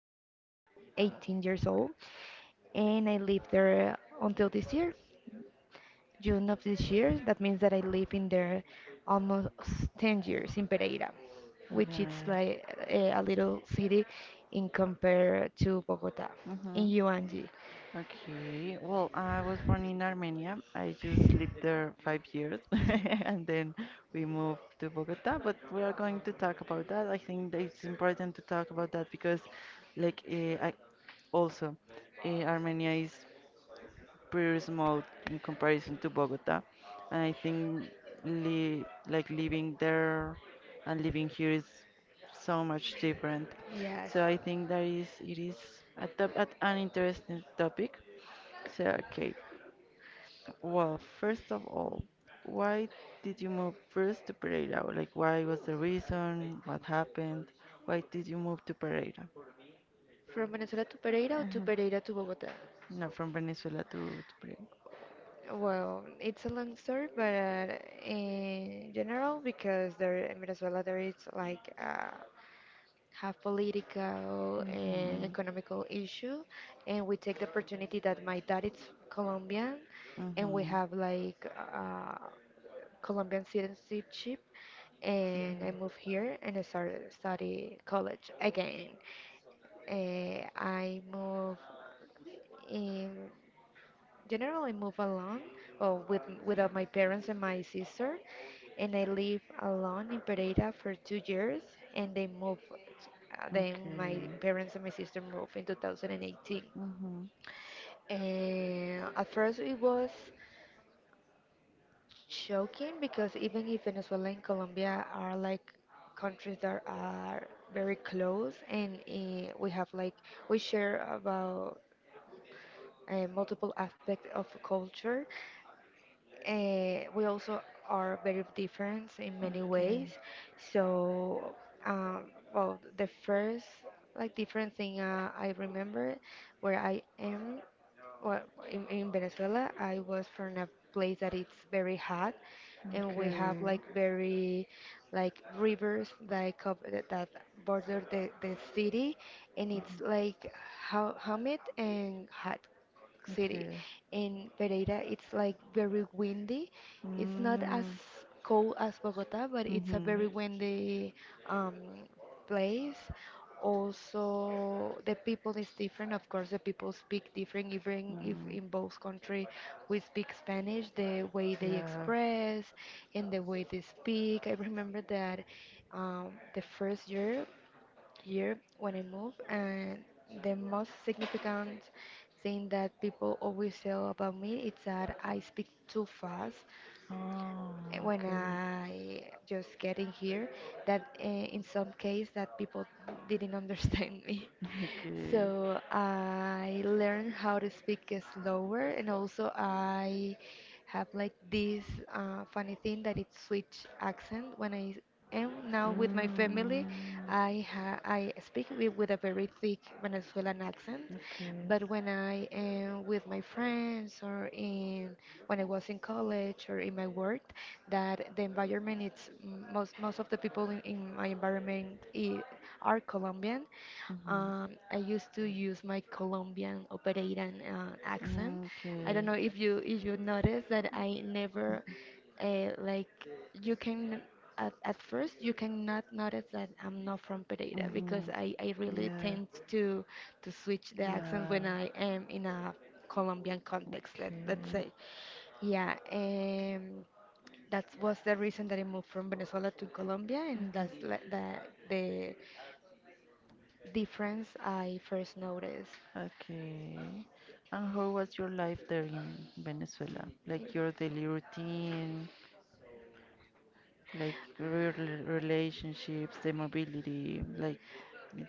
when I was 18 years old, and I lived there until this year. June of this year. That means that I live in there almost 10 years in Pereira, which it's like a little city in Okay. compare to Bogota in Mm-hmm. UNG. Okay. Well, I was born in Armenia. I just lived there 5 years and then we moved to Bogota, but we are going to talk about that. I think that it's important to talk about that because, like, I also, Armenia is pretty small in comparison to Bogota. And I think li like living there and living here is so much different. Yes. So I think that is it is a top, at an interesting topic. So okay, well, first of all, why did you move first to Pereira? Like, why was the reason? What happened? Why did you move to Pereira? From Venezuela to Pereira or to Pereira to Bogota? No, from Venezuela to Well, it's a long story, but in general, because there in Venezuela there is like Pereira. have political and economical issue, and we take the opportunity that my dad is Colombian, and we And have like Colombian citizenship, and I moved here and I started study college again. I moved in generally move alone or with without my parents and my sister, and I live alone in Pereira for 2 years, and they moved. Then my parents and my sister moved in 2018. Mhm. And at first it was shocking because even if Venezuela and Colombia are like countries that are very close and we have like we share about multiple aspects of culture, we also are very different in many ways. So, um, well, the first like different thing I remember where I am well, in Venezuela, I was from a place that it's very hot and we have like very like rivers like that border the city and it's like humid and hot It's City. Okay. In Pereira, it's like very windy. It's not it's as cold as Bogota, but it's a very windy um, place. Also, the people is different. Of course, the people speak different. Even if in both country we speak Spanish, the way they express and the way they speak. I remember that um, the first year when I moved, and the most significant thing that people always say about me is that I speak too fast Oh, when I just get in here. That in some case that people didn't understand me. So I learned how to speak slower, and also I have like this funny thing that it switch accent when I am now with my family. I speak with a very thick Venezuelan accent, but when I am with my friends or in when I was in college or in my work, that the environment it's most of the people in my environment are Colombian. I used to use my Colombian operairan accent. I Okay. don't know if you notice that I never like you can at first you cannot notice that I'm not from Pereira because I hmm really tend to switch the accent when I am in a Colombian context let's say yeah that was the reason that I moved from Venezuela to Colombia and that's like the difference I first noticed. Okay. And how was your life there in Venezuela? Y- Like your daily routine, like real relationships, the mobility, like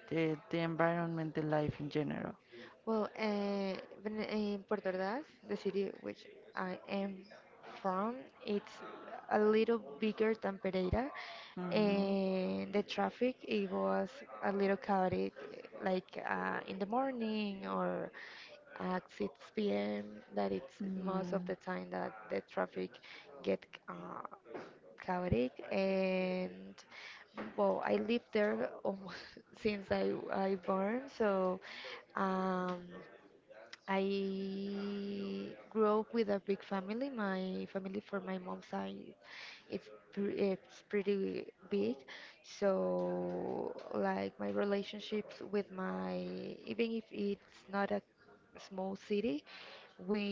the environment, the life in general. Well, in Puerto Ordaz, the city which I am from, it's a little bigger than Pereira, Mm. and the traffic it was a little chaotic, like in the morning or at 6 p.m. That it's most of Mm. the time that the traffic get chaotic and well I lived there almost since I born so um I grew up with a big family, my family for my mom's side it's it's pretty big, so like my relationships with my, even if it's not a small city, we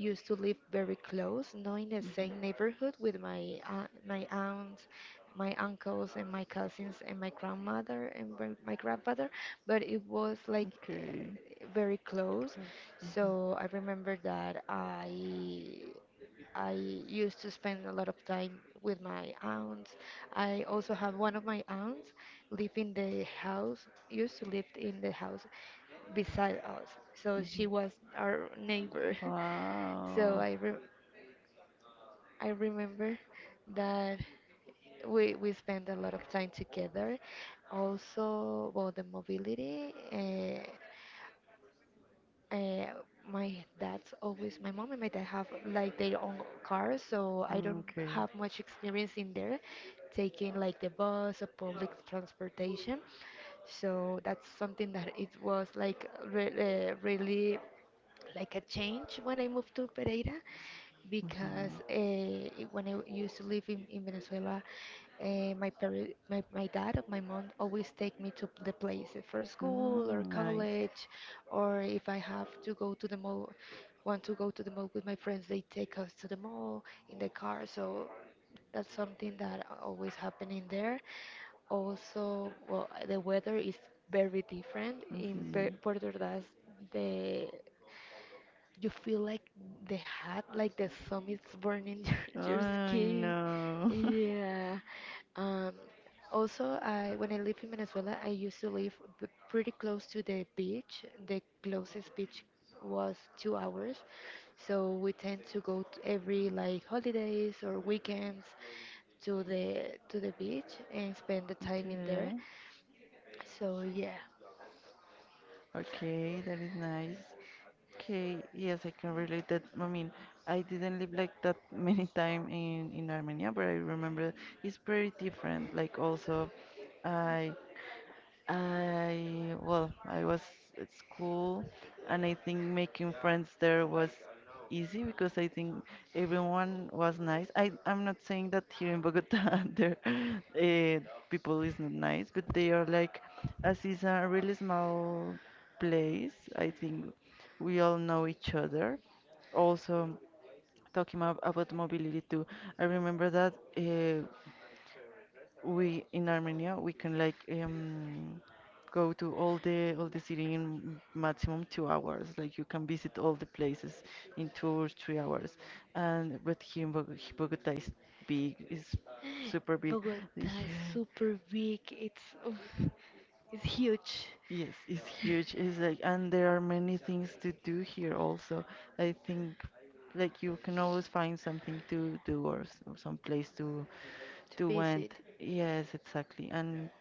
used to live very close, not in the same Mhm. neighborhood with my my aunts, my uncles, and my cousins, and my grandmother and my grandfather, but it was like Okay. Very close. So I remember that I used to spend a lot of time with my aunts. I also have one of my aunts live in the house, used to live in the house beside us. So she was our Mhm. neighbor. So Wow. I remember that we spent a lot of time together. Also, about the mobility, uh, my dad's always my mom and my dad have like their own cars, so I don't Okay. have much experience in there taking like the bus or public transportation. So that's something that it was like re really like a change when I moved to Pereira Mhm. Because when I used to live in Venezuela, my, my dad or my mom always take me to the place for school or Mm, nice. college, or if I have to go to the mall, want to go to the mall with my friends, they take us to the mall in the car. So that's something that always happening there. Also, well, the weather is very different in Mhm. Puerto I Ordaz. The you feel like the hot, like the sun is burning your skin. know. Yeah. Um, also, I when I live in Venezuela, I used to live pretty close to the beach. The closest beach was 2 hours, so we tend to go to every like holidays or weekends to the beach and spend the time in there. Okay. So yeah. Okay, that is nice. Okay, yes, I can relate that. I mean, I didn't live like that many time in Armenia, but I remember it's pretty different. Like also, I I, well, I was at school and I think making friends there was easy because I think everyone was nice. I'm not saying that here in Bogota there people is not nice, but they are like, as is a really small place, I think we all know each other. Also, talking about mobility too, I remember that we in Armenia we can like go to all the city in maximum 2 hours. Like you can visit all the places in 2 or 3 hours. And but here in Bogota is big, is super big. Bogota is super big. It's oof, it's huge Yeah, yes, it's huge. It's like and there are many things to do here also. I think like you can always find something to do or some place to to visit. went. Yes, exactly. And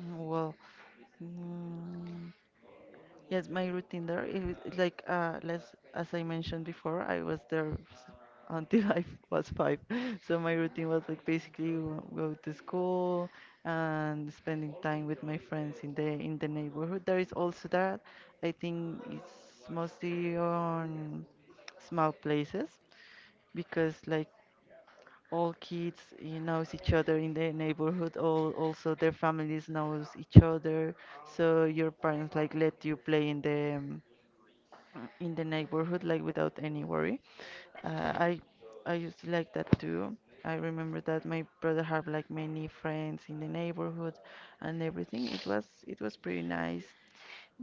mm, well. Mm, yes, my routine there is like less as I mentioned before, I was there until was five. So my routine was like basically go to school and spending time with my friends in the neighborhood. There is also that. I think it's mostly on small places because like all kids you knows each other in the neighborhood all also their families knows each other so your parents like let you play in the neighborhood like without any worry uh. I used to like that too. I remember that my brother had like many friends in the neighborhood and everything it was pretty nice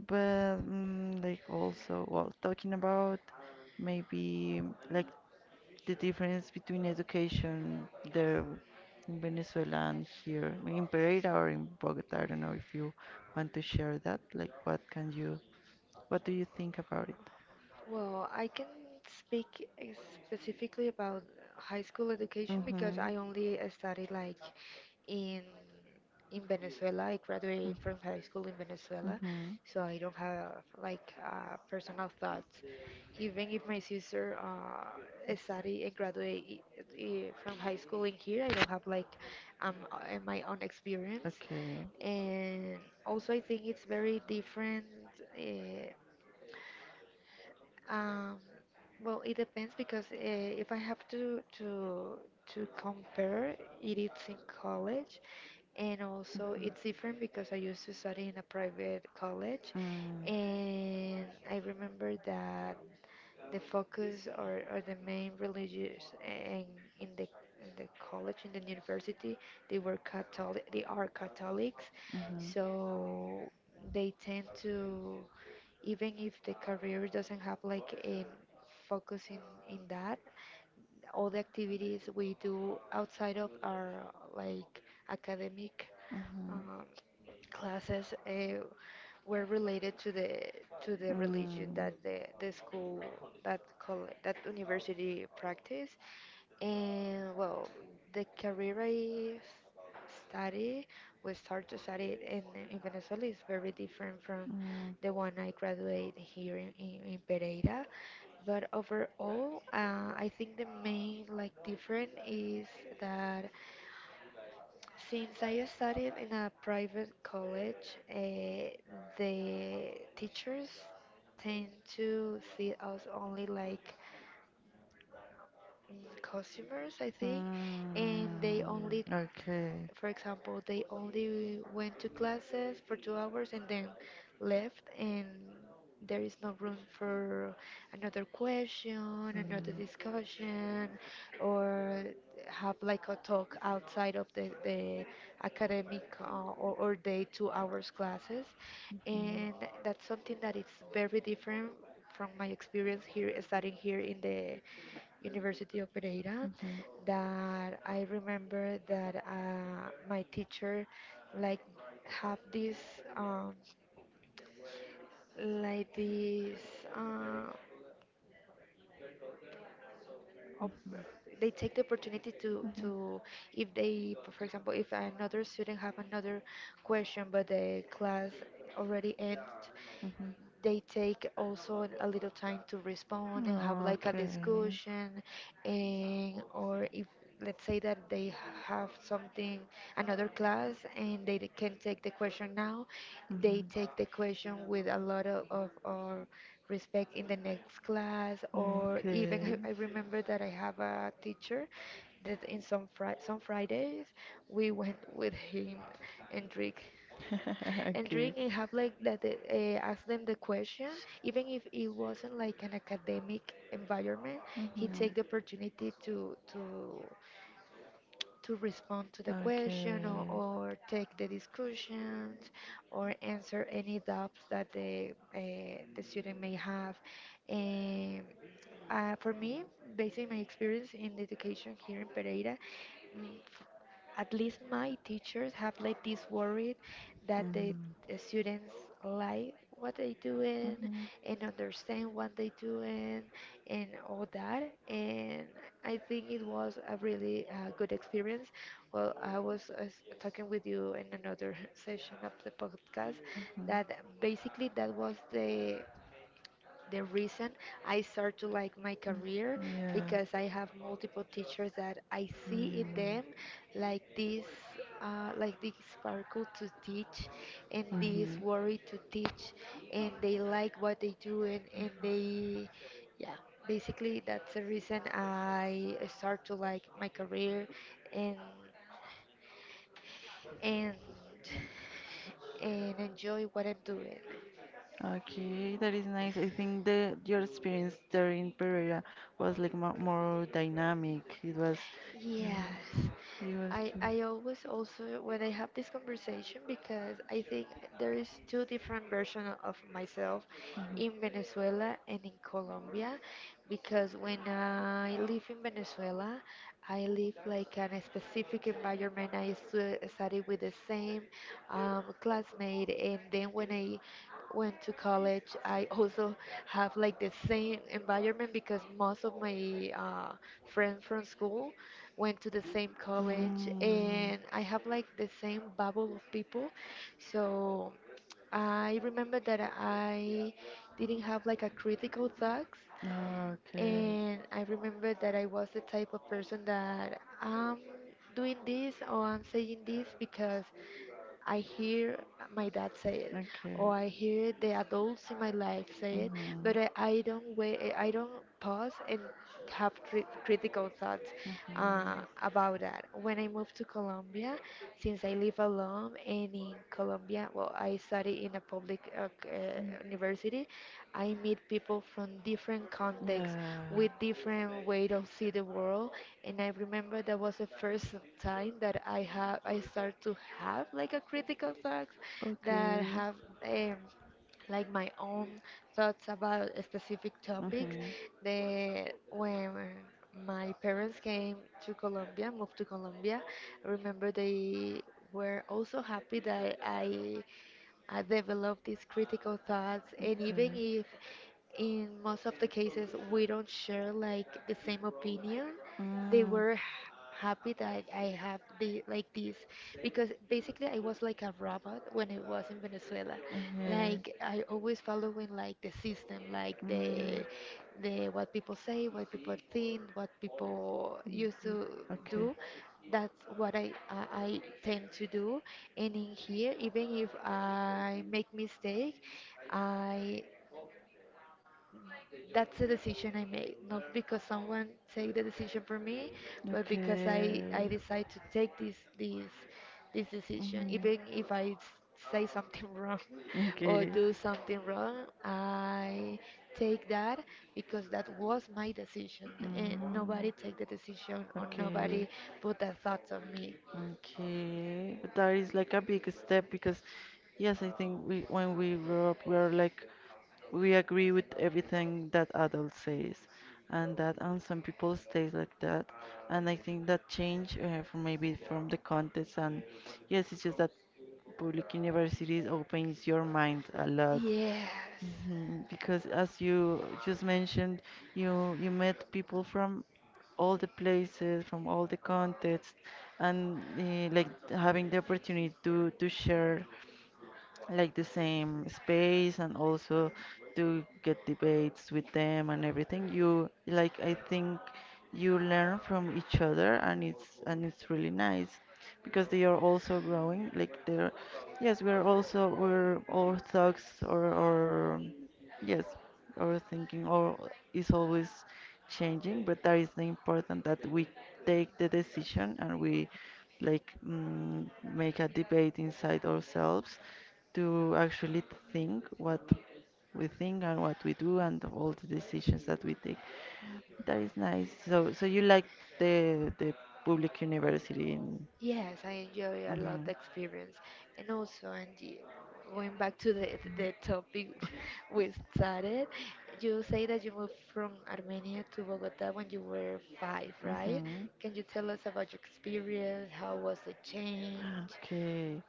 but mm, like also well talking about maybe like the difference between education there in Venezuela and here, I mean, in Pereira or in Bogota. I don't know if you want to share that. Like, what can you, what do you think about it? Well, I can speak specifically about high school education Mhm. because I only studied like in in Venezuela. I Mm. graduated from high school in Venezuela, Mhm. so I don't have like personal thoughts. Even if my sister studied and graduated from high school in here, I don't have like um uh, my own experience. Okay. And also, I think it's very different. Uh, um, well, it depends because if I have to compare it, it's in college, and also it's different because I used to study in a private college, and I remember that the focus or the main religious in the in the college in the Mm. university they were Catholic they are Catholics, Mhm. so they tend to, even if the career doesn't have like a focus in that, all the activities we do outside of our like academic Mhm. um, classes were related to the so religion that the school that that university practice, and well, the career I study we start to study it in Venezuela is very different from the one I graduate here in Pereira, but overall I think the main like different is that since I studied in a private college, the teachers tend to see us only like mm, customers, I think, and they and only, Okay. for example, they only went to classes for 2 hours and then left, and there is no room for another question, another discussion, or have like a talk outside of the academic or the 2 hours classes, and that's something that is very different from my experience here studying here in the University of Pereira, Mhm. that I remember that my teacher like have this um, like this uh, op- they take the opportunity to, if they for example, if another student have another question but the class already end, Mhm. they take also a little time to respond and have like a discussion and, or if let's say that they have something another class and they can take the question now, they take the question with a lot of or respect in the next class, or even I remember that I have a teacher that in some some fridays we went with him and drink, and and drink, then and have like that ask them the question even if it wasn't like an academic environment, he take the you opportunity to respond to the question or take the discussions or answer any doubts that the student may have. And for me, based on my experience in the education here in Pereira, mm, at least my teachers have let this worried that the students like what they doing Mhm. and understand what they doing and all that, and I think it was a really good experience. Well I was talking with you in another session of the podcast, that Mhm. basically that was the reason I start to like my career, because I have multiple teachers that I see in them like this like this sparkle to teach and this worry to teach, and they like what they do, and they yeah basically that's the reason I start to like my career and and and enjoy what I'm doing. Okay, that is nice. I think the your experience there in Pereira was like more dynamic. It was, Yes. yeah, it was I cute. I always also when I have this conversation, because I think there is two different version of myself in Venezuela and in Colombia. Because when I live in Venezuela, I live like in a specific environment. I study with the same classmate, and then when I went to college, I also have like the same environment, because most of my friends from school went to the same college, Mhm. and I Mm. have like the same bubble of people. So I remember that I didn't have like a critical thoughts, Ah, Okay. and I remember that I was the type of person that I'm doing this or I'm saying this because I hear my dad say it, Okay. or I hear the adults in my life say it, Mhm. but I don't wait, I don't pause and have critical thoughts uh, Mhm. about that. When I moved to Colombia, since I live alone and in Colombia, well, I study in a public Mm. university, I meet people from different contexts Yeah. with different way to see the world, and I remember that was the first time that I start to have like a critical thoughts, that that have um, like my own thoughts about a specific topics. The when my parents came to Colombia, moved to Colombia, I remember they were also happy that I developed these critical thoughts, and even if in most of the cases we don't share like the same opinion, they were happy that I have the like this, because basically I was like a robot when I was in Venezuela. Like I always following like the system, like the what people say, what people think, what people used to do, that's what I tend to do. And in here, even if I make mistake, I that's the decision I made, not because someone take the decision for me, but because I decide to I take this this decision. Even if I say something wrong or do something wrong, I take that because that was my decision, and nobody Mm, take the decision or okay. nobody put a thought on me. Okay, but that is like a big step because, yes, I think we when we grow up, we're like we agree with everything that adult says, and that and some people stays like that, and I think that change from maybe from the context and yes, it's just that public universities opens your mind a lot. Yes. Mhm. Because as you just mentioned, you met people from all the places, from all the contexts, and like having the opportunity to share like the same space and also to get debates with them and everything. You like I think you learn from each other and it's really nice because they are also growing. Like they're yes, we are also we're all thugs or yes, our thinking or is always changing, but that is the important that we take the decision and we like mm, make a debate inside ourselves to actually think what we think and what we do and all the decisions that we take. That is nice. So, so you like the public university in? Yes, I enjoy a lot Mhm. the experience. And also, Angie, going back to the topic we started, you say that you moved from Armenia to Bogota when you were five, right? Mm-hmm. Can you tell us about your experience? How was the change? Okay.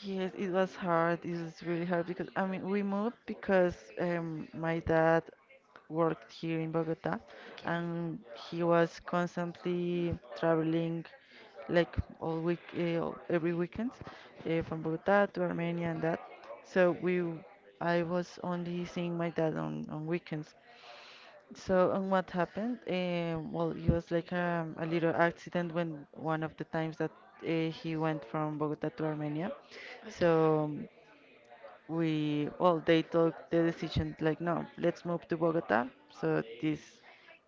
Yes, it was hard. It was really hard because I mean we moved because my dad worked here in Bogota Okay. and he was constantly traveling like all week every weekend from Bogota to Armenia and that. So I was only seeing my dad on weekends. So, and what happened? Well, it was like a little accident when one of the times that he went from Bogota to Armenia. Okay. So we, well, they took the decision like, no, let's move to Bogota. So this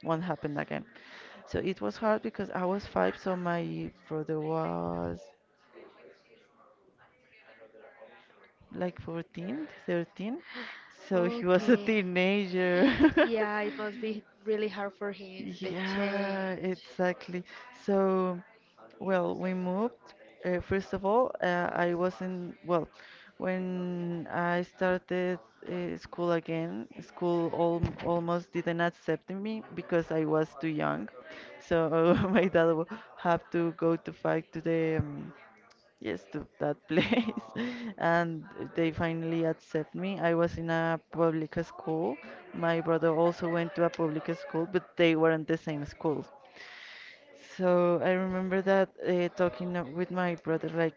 won't happen again. So it was hard because I was five, so my brother was like 14, 13, so he was a Okay. teenager. Yeah, it must be really hard for him, the change. Yeah, exactly. So, well, we moved. First of all, I was in, well, when I started school again, school al almost didn't accept me because I was too young. So had to go to fight to the yes to that place and they finally accept me. I was in a public school. My brother also went to a public school but they weren't the same school. So I remember that talking with my brother, like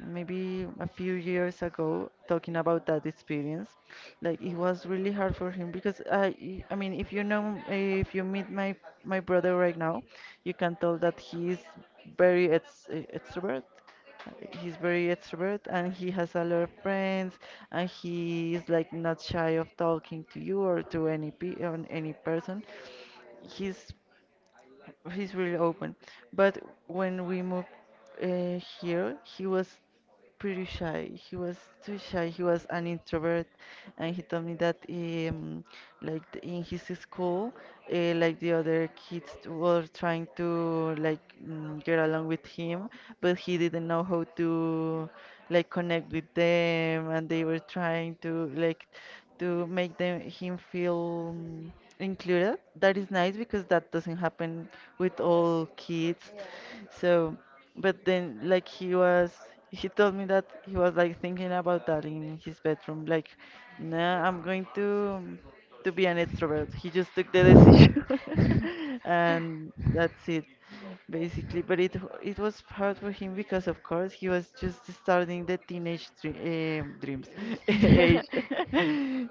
maybe a few years ago, talking about that experience. Like it was really hard for him because I mean, if you know, if you meet my brother right now, you can tell that he is very ex extrovert. He's very extrovert and he has a lot of friends and he is like not shy of talking to you or to any pe on any person. He's he's really open. But when we moved here, he was pretty shy. He was too shy. He was an introvert, and he told me that like th- in his school, like the other kids were trying to like mm, get along with him, but he didn't know how to like connect with them, and they were trying to like to make them him feel mm, included. That is nice because that doesn't happen with all kids. So. But then, like, he told me that he was like thinking about that in his bedroom. Like, nah, I'm going to be an extrovert. He just took the decision, and that's it, basically. But it was hard for him because, of course, he was just starting the teenage dreams age,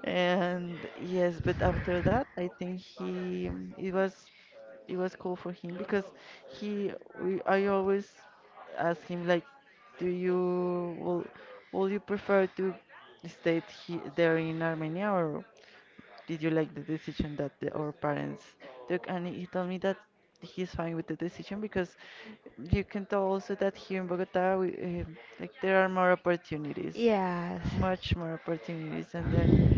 and yes. But after that, I think he it was it was cool for him because he I always ask him like, "Do you will you prefer to stay there in Armenia, or did you like the decision that our parents took?" And he told me that he's fine with the decision because you can tell also that here in Bogota, like there are more opportunities, Yes. much more opportunities. And then, like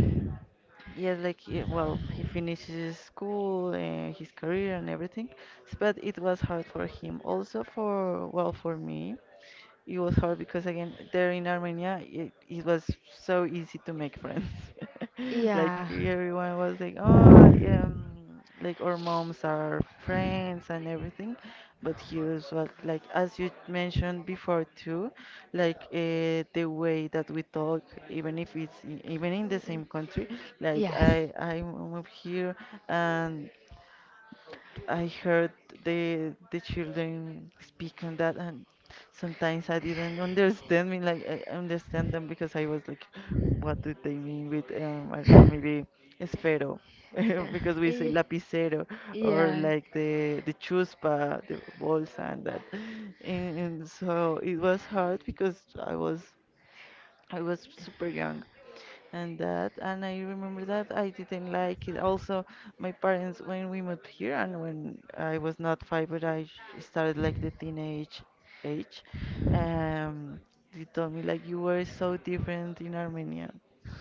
yes, like well, he finishes his school, his career, and everything. But it was hard for him, also for well, for me, it was hard because again there in Armenia it was so easy to make friends like Yeah. everyone was like oh yeah, like our moms are friends and everything but here is what like as you mentioned before too like the way that we talk even if it's even in the same country like Yes. I moved here and I heard the children speaking that, and sometimes I didn't understand. Me like I understand them because I was like, what do they mean with I don't know maybe esfero, because we say Yeah. lapicero or Yeah. Yeah. like the chuspa, the bolsa and that, and so it was hard because I was super young and that and I remember that I didn't like it. Also, my parents when we moved here and when I was not five but I started like the teenage age, um they told me like you were so different in Armenia.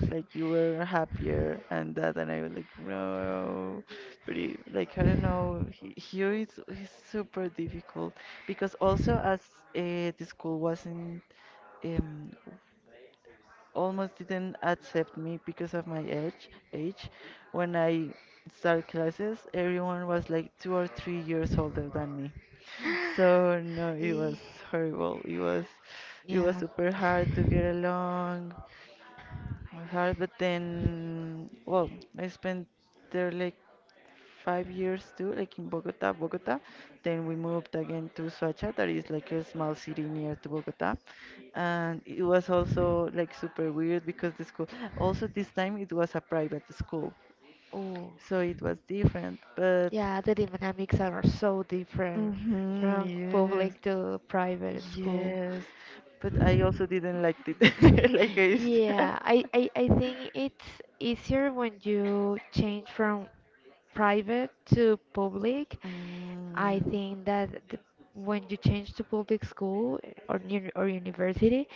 Like you were happier and that and I was like no but like I don't know here it's super difficult because also as the school wasn't um, almost didn't accept me because of my age. Age, when I started classes, everyone was like 2 or 3 years older than me. So no, it was Eh, horrible. It was Yeah. super hard to get along hard, but then, well, I spent there like 5 years too, like in Bogota, Bogota. Then we moved again to Suacha, that is like a small city near to Bogota. And it was also like super weird because the school, also this time it was a private school, Oh. so it was different. But Yeah, the dynamics are so different hmm, from yes, public to private school. yes. But I also didn't like it, like I. s- Yeah, I think it's easier when you change from private to public. I Mm, think that the, when you change to public school or or university,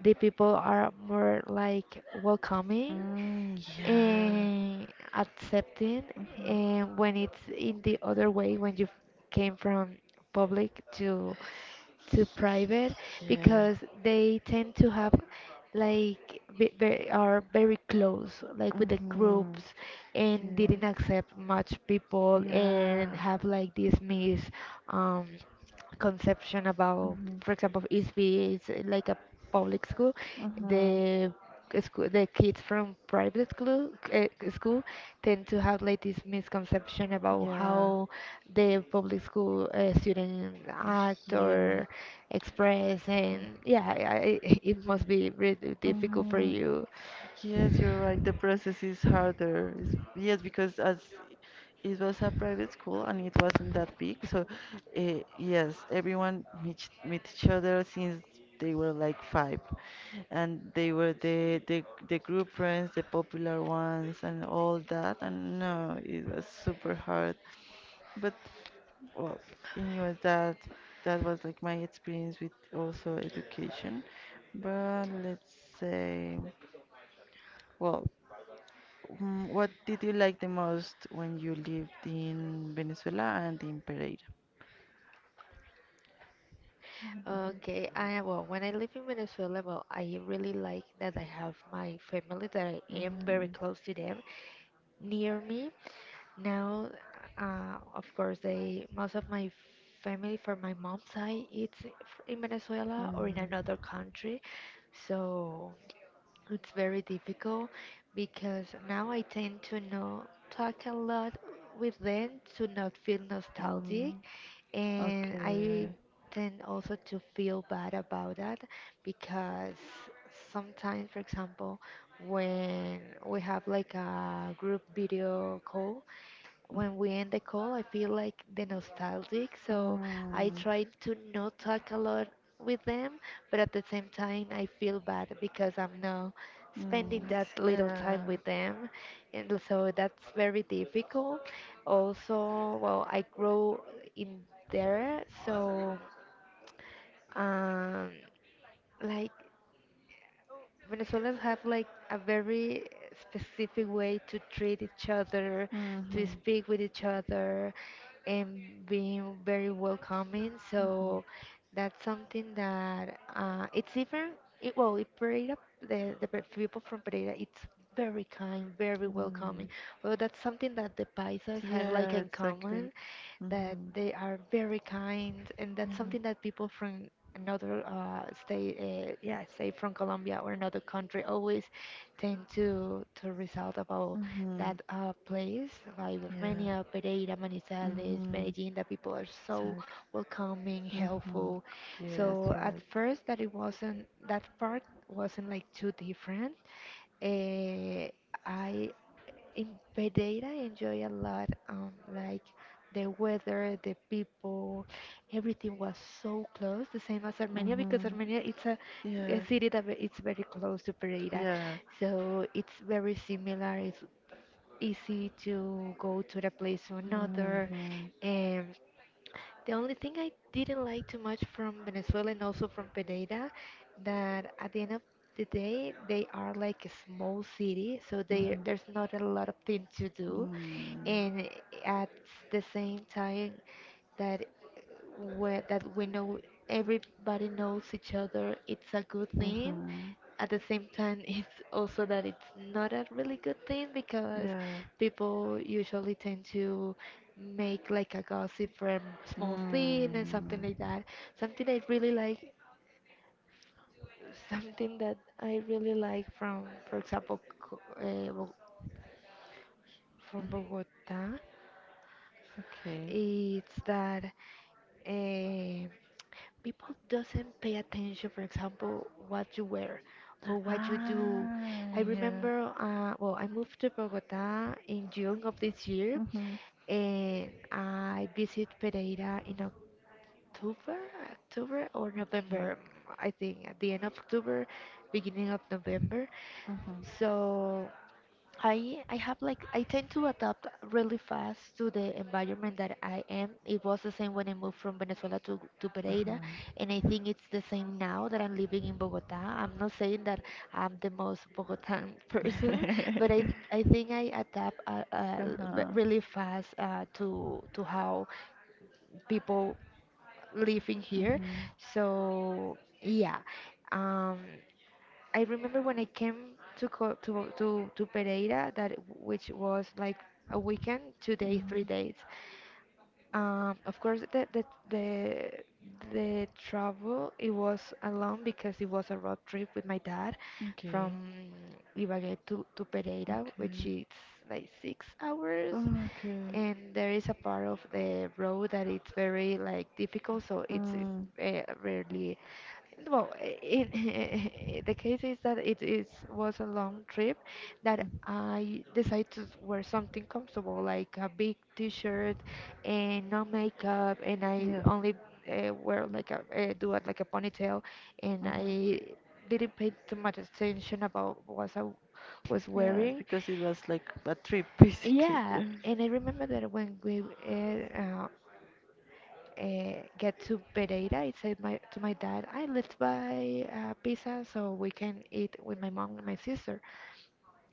the people are more like welcoming mm, yeah. and accepting, Mhm. and when it's in the other way, when you came from public to private, because they tend to have like are very close like with the groups, and didn't accept much Yeah. people, Mhm. and Yeah. have like this miss um conception Yeah. about, Mhm. for example, if it's like a public Mhm. the school, the kids from private school, school tend to have like this misconception about Yeah. how the public school students act Yeah. or express. And yeah, it must be really difficult for Mhm. you. Yes, you're right. The process is harder. It's, yes, because as it was a private school and it wasn't that big, so uh, yes, everyone meet each other since they were like five, and they were the group friends, the popular ones, and all that. And no, it was super hard. But well, anyway, that was like my experience with also education. But let's say. Well, mm, what did you like the most when you lived in Venezuela and in Pereira? Mhm. Okay, I well, when I live in Venezuela, well, I really like that I have my family, that I Mm, am mm, very mm, close to them. Near me. Now, of course, they most of my family from my mom's side it's in Venezuela or in another country, so it's very difficult because now I tend to not talk a lot with them, to not feel nostalgic, and I okay. tend also to feel bad about that, because sometimes, for example, when we have like a group video call, when we end the call, I feel like the nostalgic, so I try to not talk a lot with them, but at the same time, I feel bad because I'm now spending that little time with them, and so that's very difficult. Also, well, I grow in there, so um, like Venezuelans have like a very specific way to treat each other, Mm, to mm, speak yeah. with each other, and being very welcoming. Mhm, So mhm. that's something that it's different. It, well, it Pereira, the people from Pereira, it's very kind, very welcoming. Mm. Well, that's something that the Paisas have like Yeah, in common, exactly. Mm-hmm. that Yeah. they are very kind. And that's something that people from another state, yeah, say from Colombia or another country, always tend to result about Mm-hmm. that place. Like Yeah. Romania, Pereira, Manizales, Mm-hmm. Medellin. That people are so Exactly. welcoming, Mm-hmm. helpful. Yes, So at right. first, that it wasn't that part wasn't like too different. Eh, I in Pereira enjoy a lot, like the weather, the people, everything was so close, the same as Armenia, because Armenia Mm-hmm. it's a Yeah. city that it's very close to Pereira, Yeah. so it's very similar. It's easy to go to the place to another. Mm-hmm. The only thing I didn't like too much from Venezuela and also from Pereira, that at the end of the day, they are like a small city, so they, there's not a lot of things to do. Mm-hmm. And at the same time, that where that we know everybody knows each other, it's a good thing. At the same time, it's also that it's not a really good thing, because Yeah. people usually tend to make like a gossip from small thing and something like that. Something I really like, something that I really like from, for example, from Bogota, Okay. it's that uh, people doesn't pay attention, for example, what you wear or what you Continue. do. I remember, well, I moved to Bogota in June of this year, Mm-hmm. and I visit Pereira in October, October or November. Mm, I think at the end of October, beginning of November. Mm-hmm. So I like So I have like I tend to adapt really fast to the environment that I am. It was the same when I moved from Venezuela to Pereira, mm-hmm. and I think it's the same now that I'm living in Bogota. I'm not saying that I'm the most Bogotan person, but I think I adapt really fast to how people living here. I So yeah, um, I remember when I came to co to Pereira, that which was like a weekend, 2 days, three mm, days. Of course, the travel it was alone, because it was a road trip with my dad okay, from Ibagué to Pereira, which okay, is like 6 hours, okay. Mm, and there is a part of the road that it's very like difficult, so it's rarely. Well, in the case is that it is was a long trip, that I decided to wear something comfortable, like a big T-shirt and no makeup, and I yeah, only wear like a do it like a ponytail, and mm-hmm. I didn't pay too much attention about what I was Yeah, wearing. because it was like a trip basically. Yeah, and I remember that when we uh, get to Pereira, I said my to my dad, "I let's buy pizza so we can eat with my mom and my sister."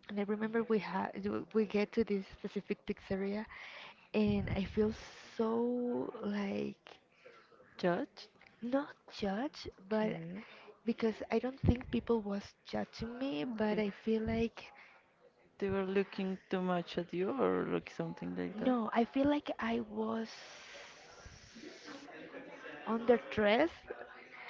And I remember we had we get to this specific pizzeria, and I feel so like Judge? not judged, but Okay, because I don't think people was judging me, but okay. I feel like They were looking too much at you or like something like that? No, I feel like I was underdressed.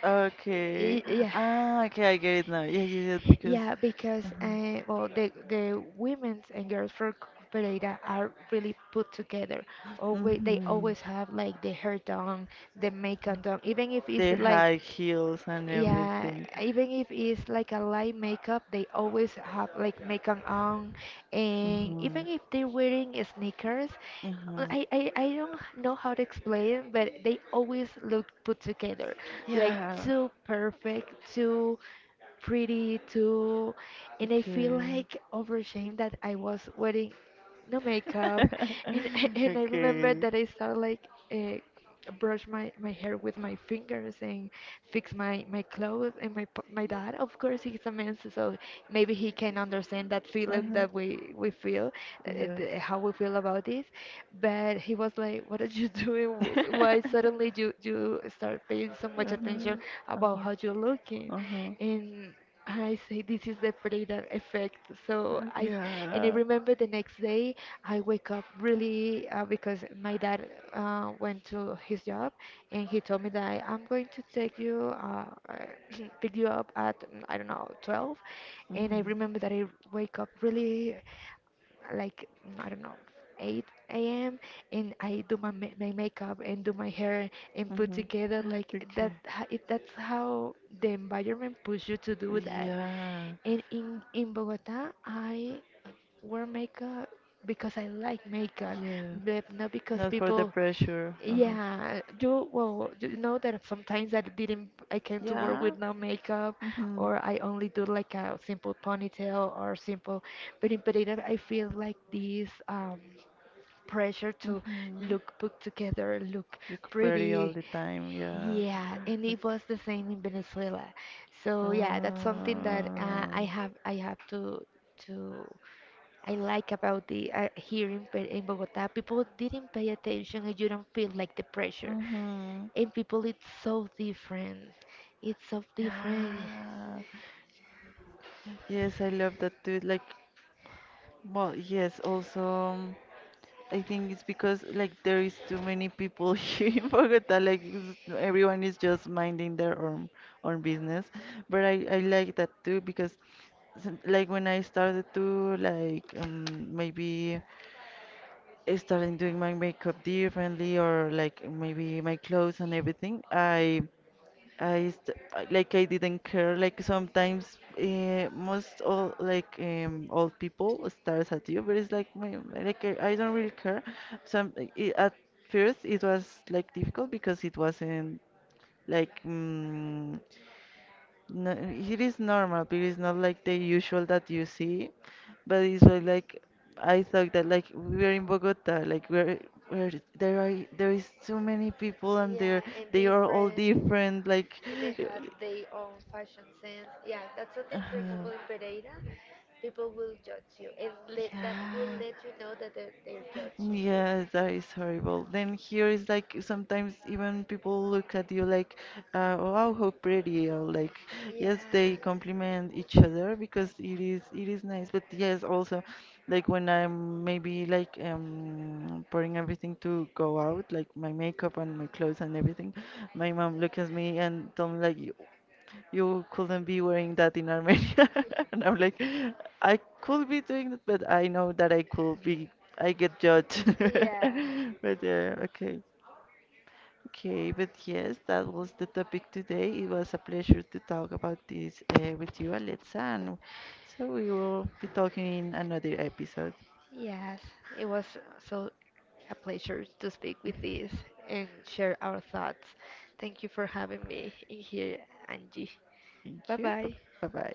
Okay. Yeah. Ah, okay, I get it now. Yes, yes, yes, because. Yeah, because Mhm. Well, the women's and girls for Pereira are really put together. Always, they Mhm. always have like the hair done, the makeup done, even if it's The like high heels and yeah, everything. even if it's like a light makeup, they always have like makeup on, and even Mhm. if they're wearing sneakers, uh, Uh-huh. I, I, I don't know how to explain, but they always look put together, like Yeah. too perfect, too pretty, too. And I feel Okay. like overshame that I was wearing no makeup, and and I remember Okay. that I started like brush my hair with my fingers and fix my clothes and my dad, of course he's a man, so maybe he can understand that feeling Uh-huh. that we feel uh, Yeah. uh, how we feel about this, but he was like what are you doing? Why suddenly you start paying so much attention about Uh-huh. how you're looking? Uh-huh. And I say, this is the Frida effect. So Uh-huh. I, and I Yeah. remember the next day I wake up really because my dad went to his job, and he told me that I'm going to take you, pick you up at mm, I don't know 12, and I remember Mm-hmm. that I wake up really like I don't know 8 a.m., and I do my makeup and do my hair and put Mm-hmm. together like that. Okay. It, that's how the environment push you to do that. Yeah. And in Bogota, I wear makeup because I like makeup, Yeah. but not because Not for the people. pressure. Uh-huh. Yeah, you well, you know that sometimes I didn't, I came to work Yeah. with no makeup, Mm-hmm. or I only do like a simple ponytail or simple. But in Pereira, I feel like this pressure to Mm-hmm. look put together, look Look pretty all pretty. the time. Yeah. Yeah, and it was the same in Venezuela. So yeah, that's something that I have to I Uh, like about the here in, in Bogota, people didn't pay attention and you don't feel like the pressure. mm-hmm. And people, it's so different. It's so different. Ah, yes, I love that too. Like, well, yes, also, um, I think it's because like there is too many people here in Bogota. Like, it's- everyone is just minding their own business. But I like that too because some- like when I started to like maybe I started doing my makeup differently or like maybe my clothes and everything. I st like I didn't care. Like sometimes most all like old people stares at you, but it's like my like I don't really care. Some I at first it was like difficult because it wasn't like no, it is normal, but it's not like the usual that you see. But it's like I thought that like we're in Bogota, like we're where there is so many people and Yeah, and they are all different. different. Like And they have their own fashion sense. Yeah, that's something, uh-huh. for example, in Berate Pereira, us. people will judge you. And let, that will Yeah. let you know that Judging they're you. judging. Yes, that is horrible. Then here is like sometimes even people look at you like, wow, how pretty, or like, yes, Yeah. yeah, they compliment each other because it is nice. But yes, also, like when I'm maybe like putting everything to go out, like my makeup and my clothes and everything, my mom look at me and tell me like, you couldn't be wearing that in Armenia. And I'm like, I could be doing it, but I know that I could be, I get judged. Yeah. But yeah, okay. Okay, but yes, that was the topic today. It was a pleasure to talk about this with you, Alexa. And so we will be talking in another episode. Yes, it was so a pleasure to speak with this and share our thoughts. Thank you for having me in here, Angie. Thank Bye you. bye. Bye bye.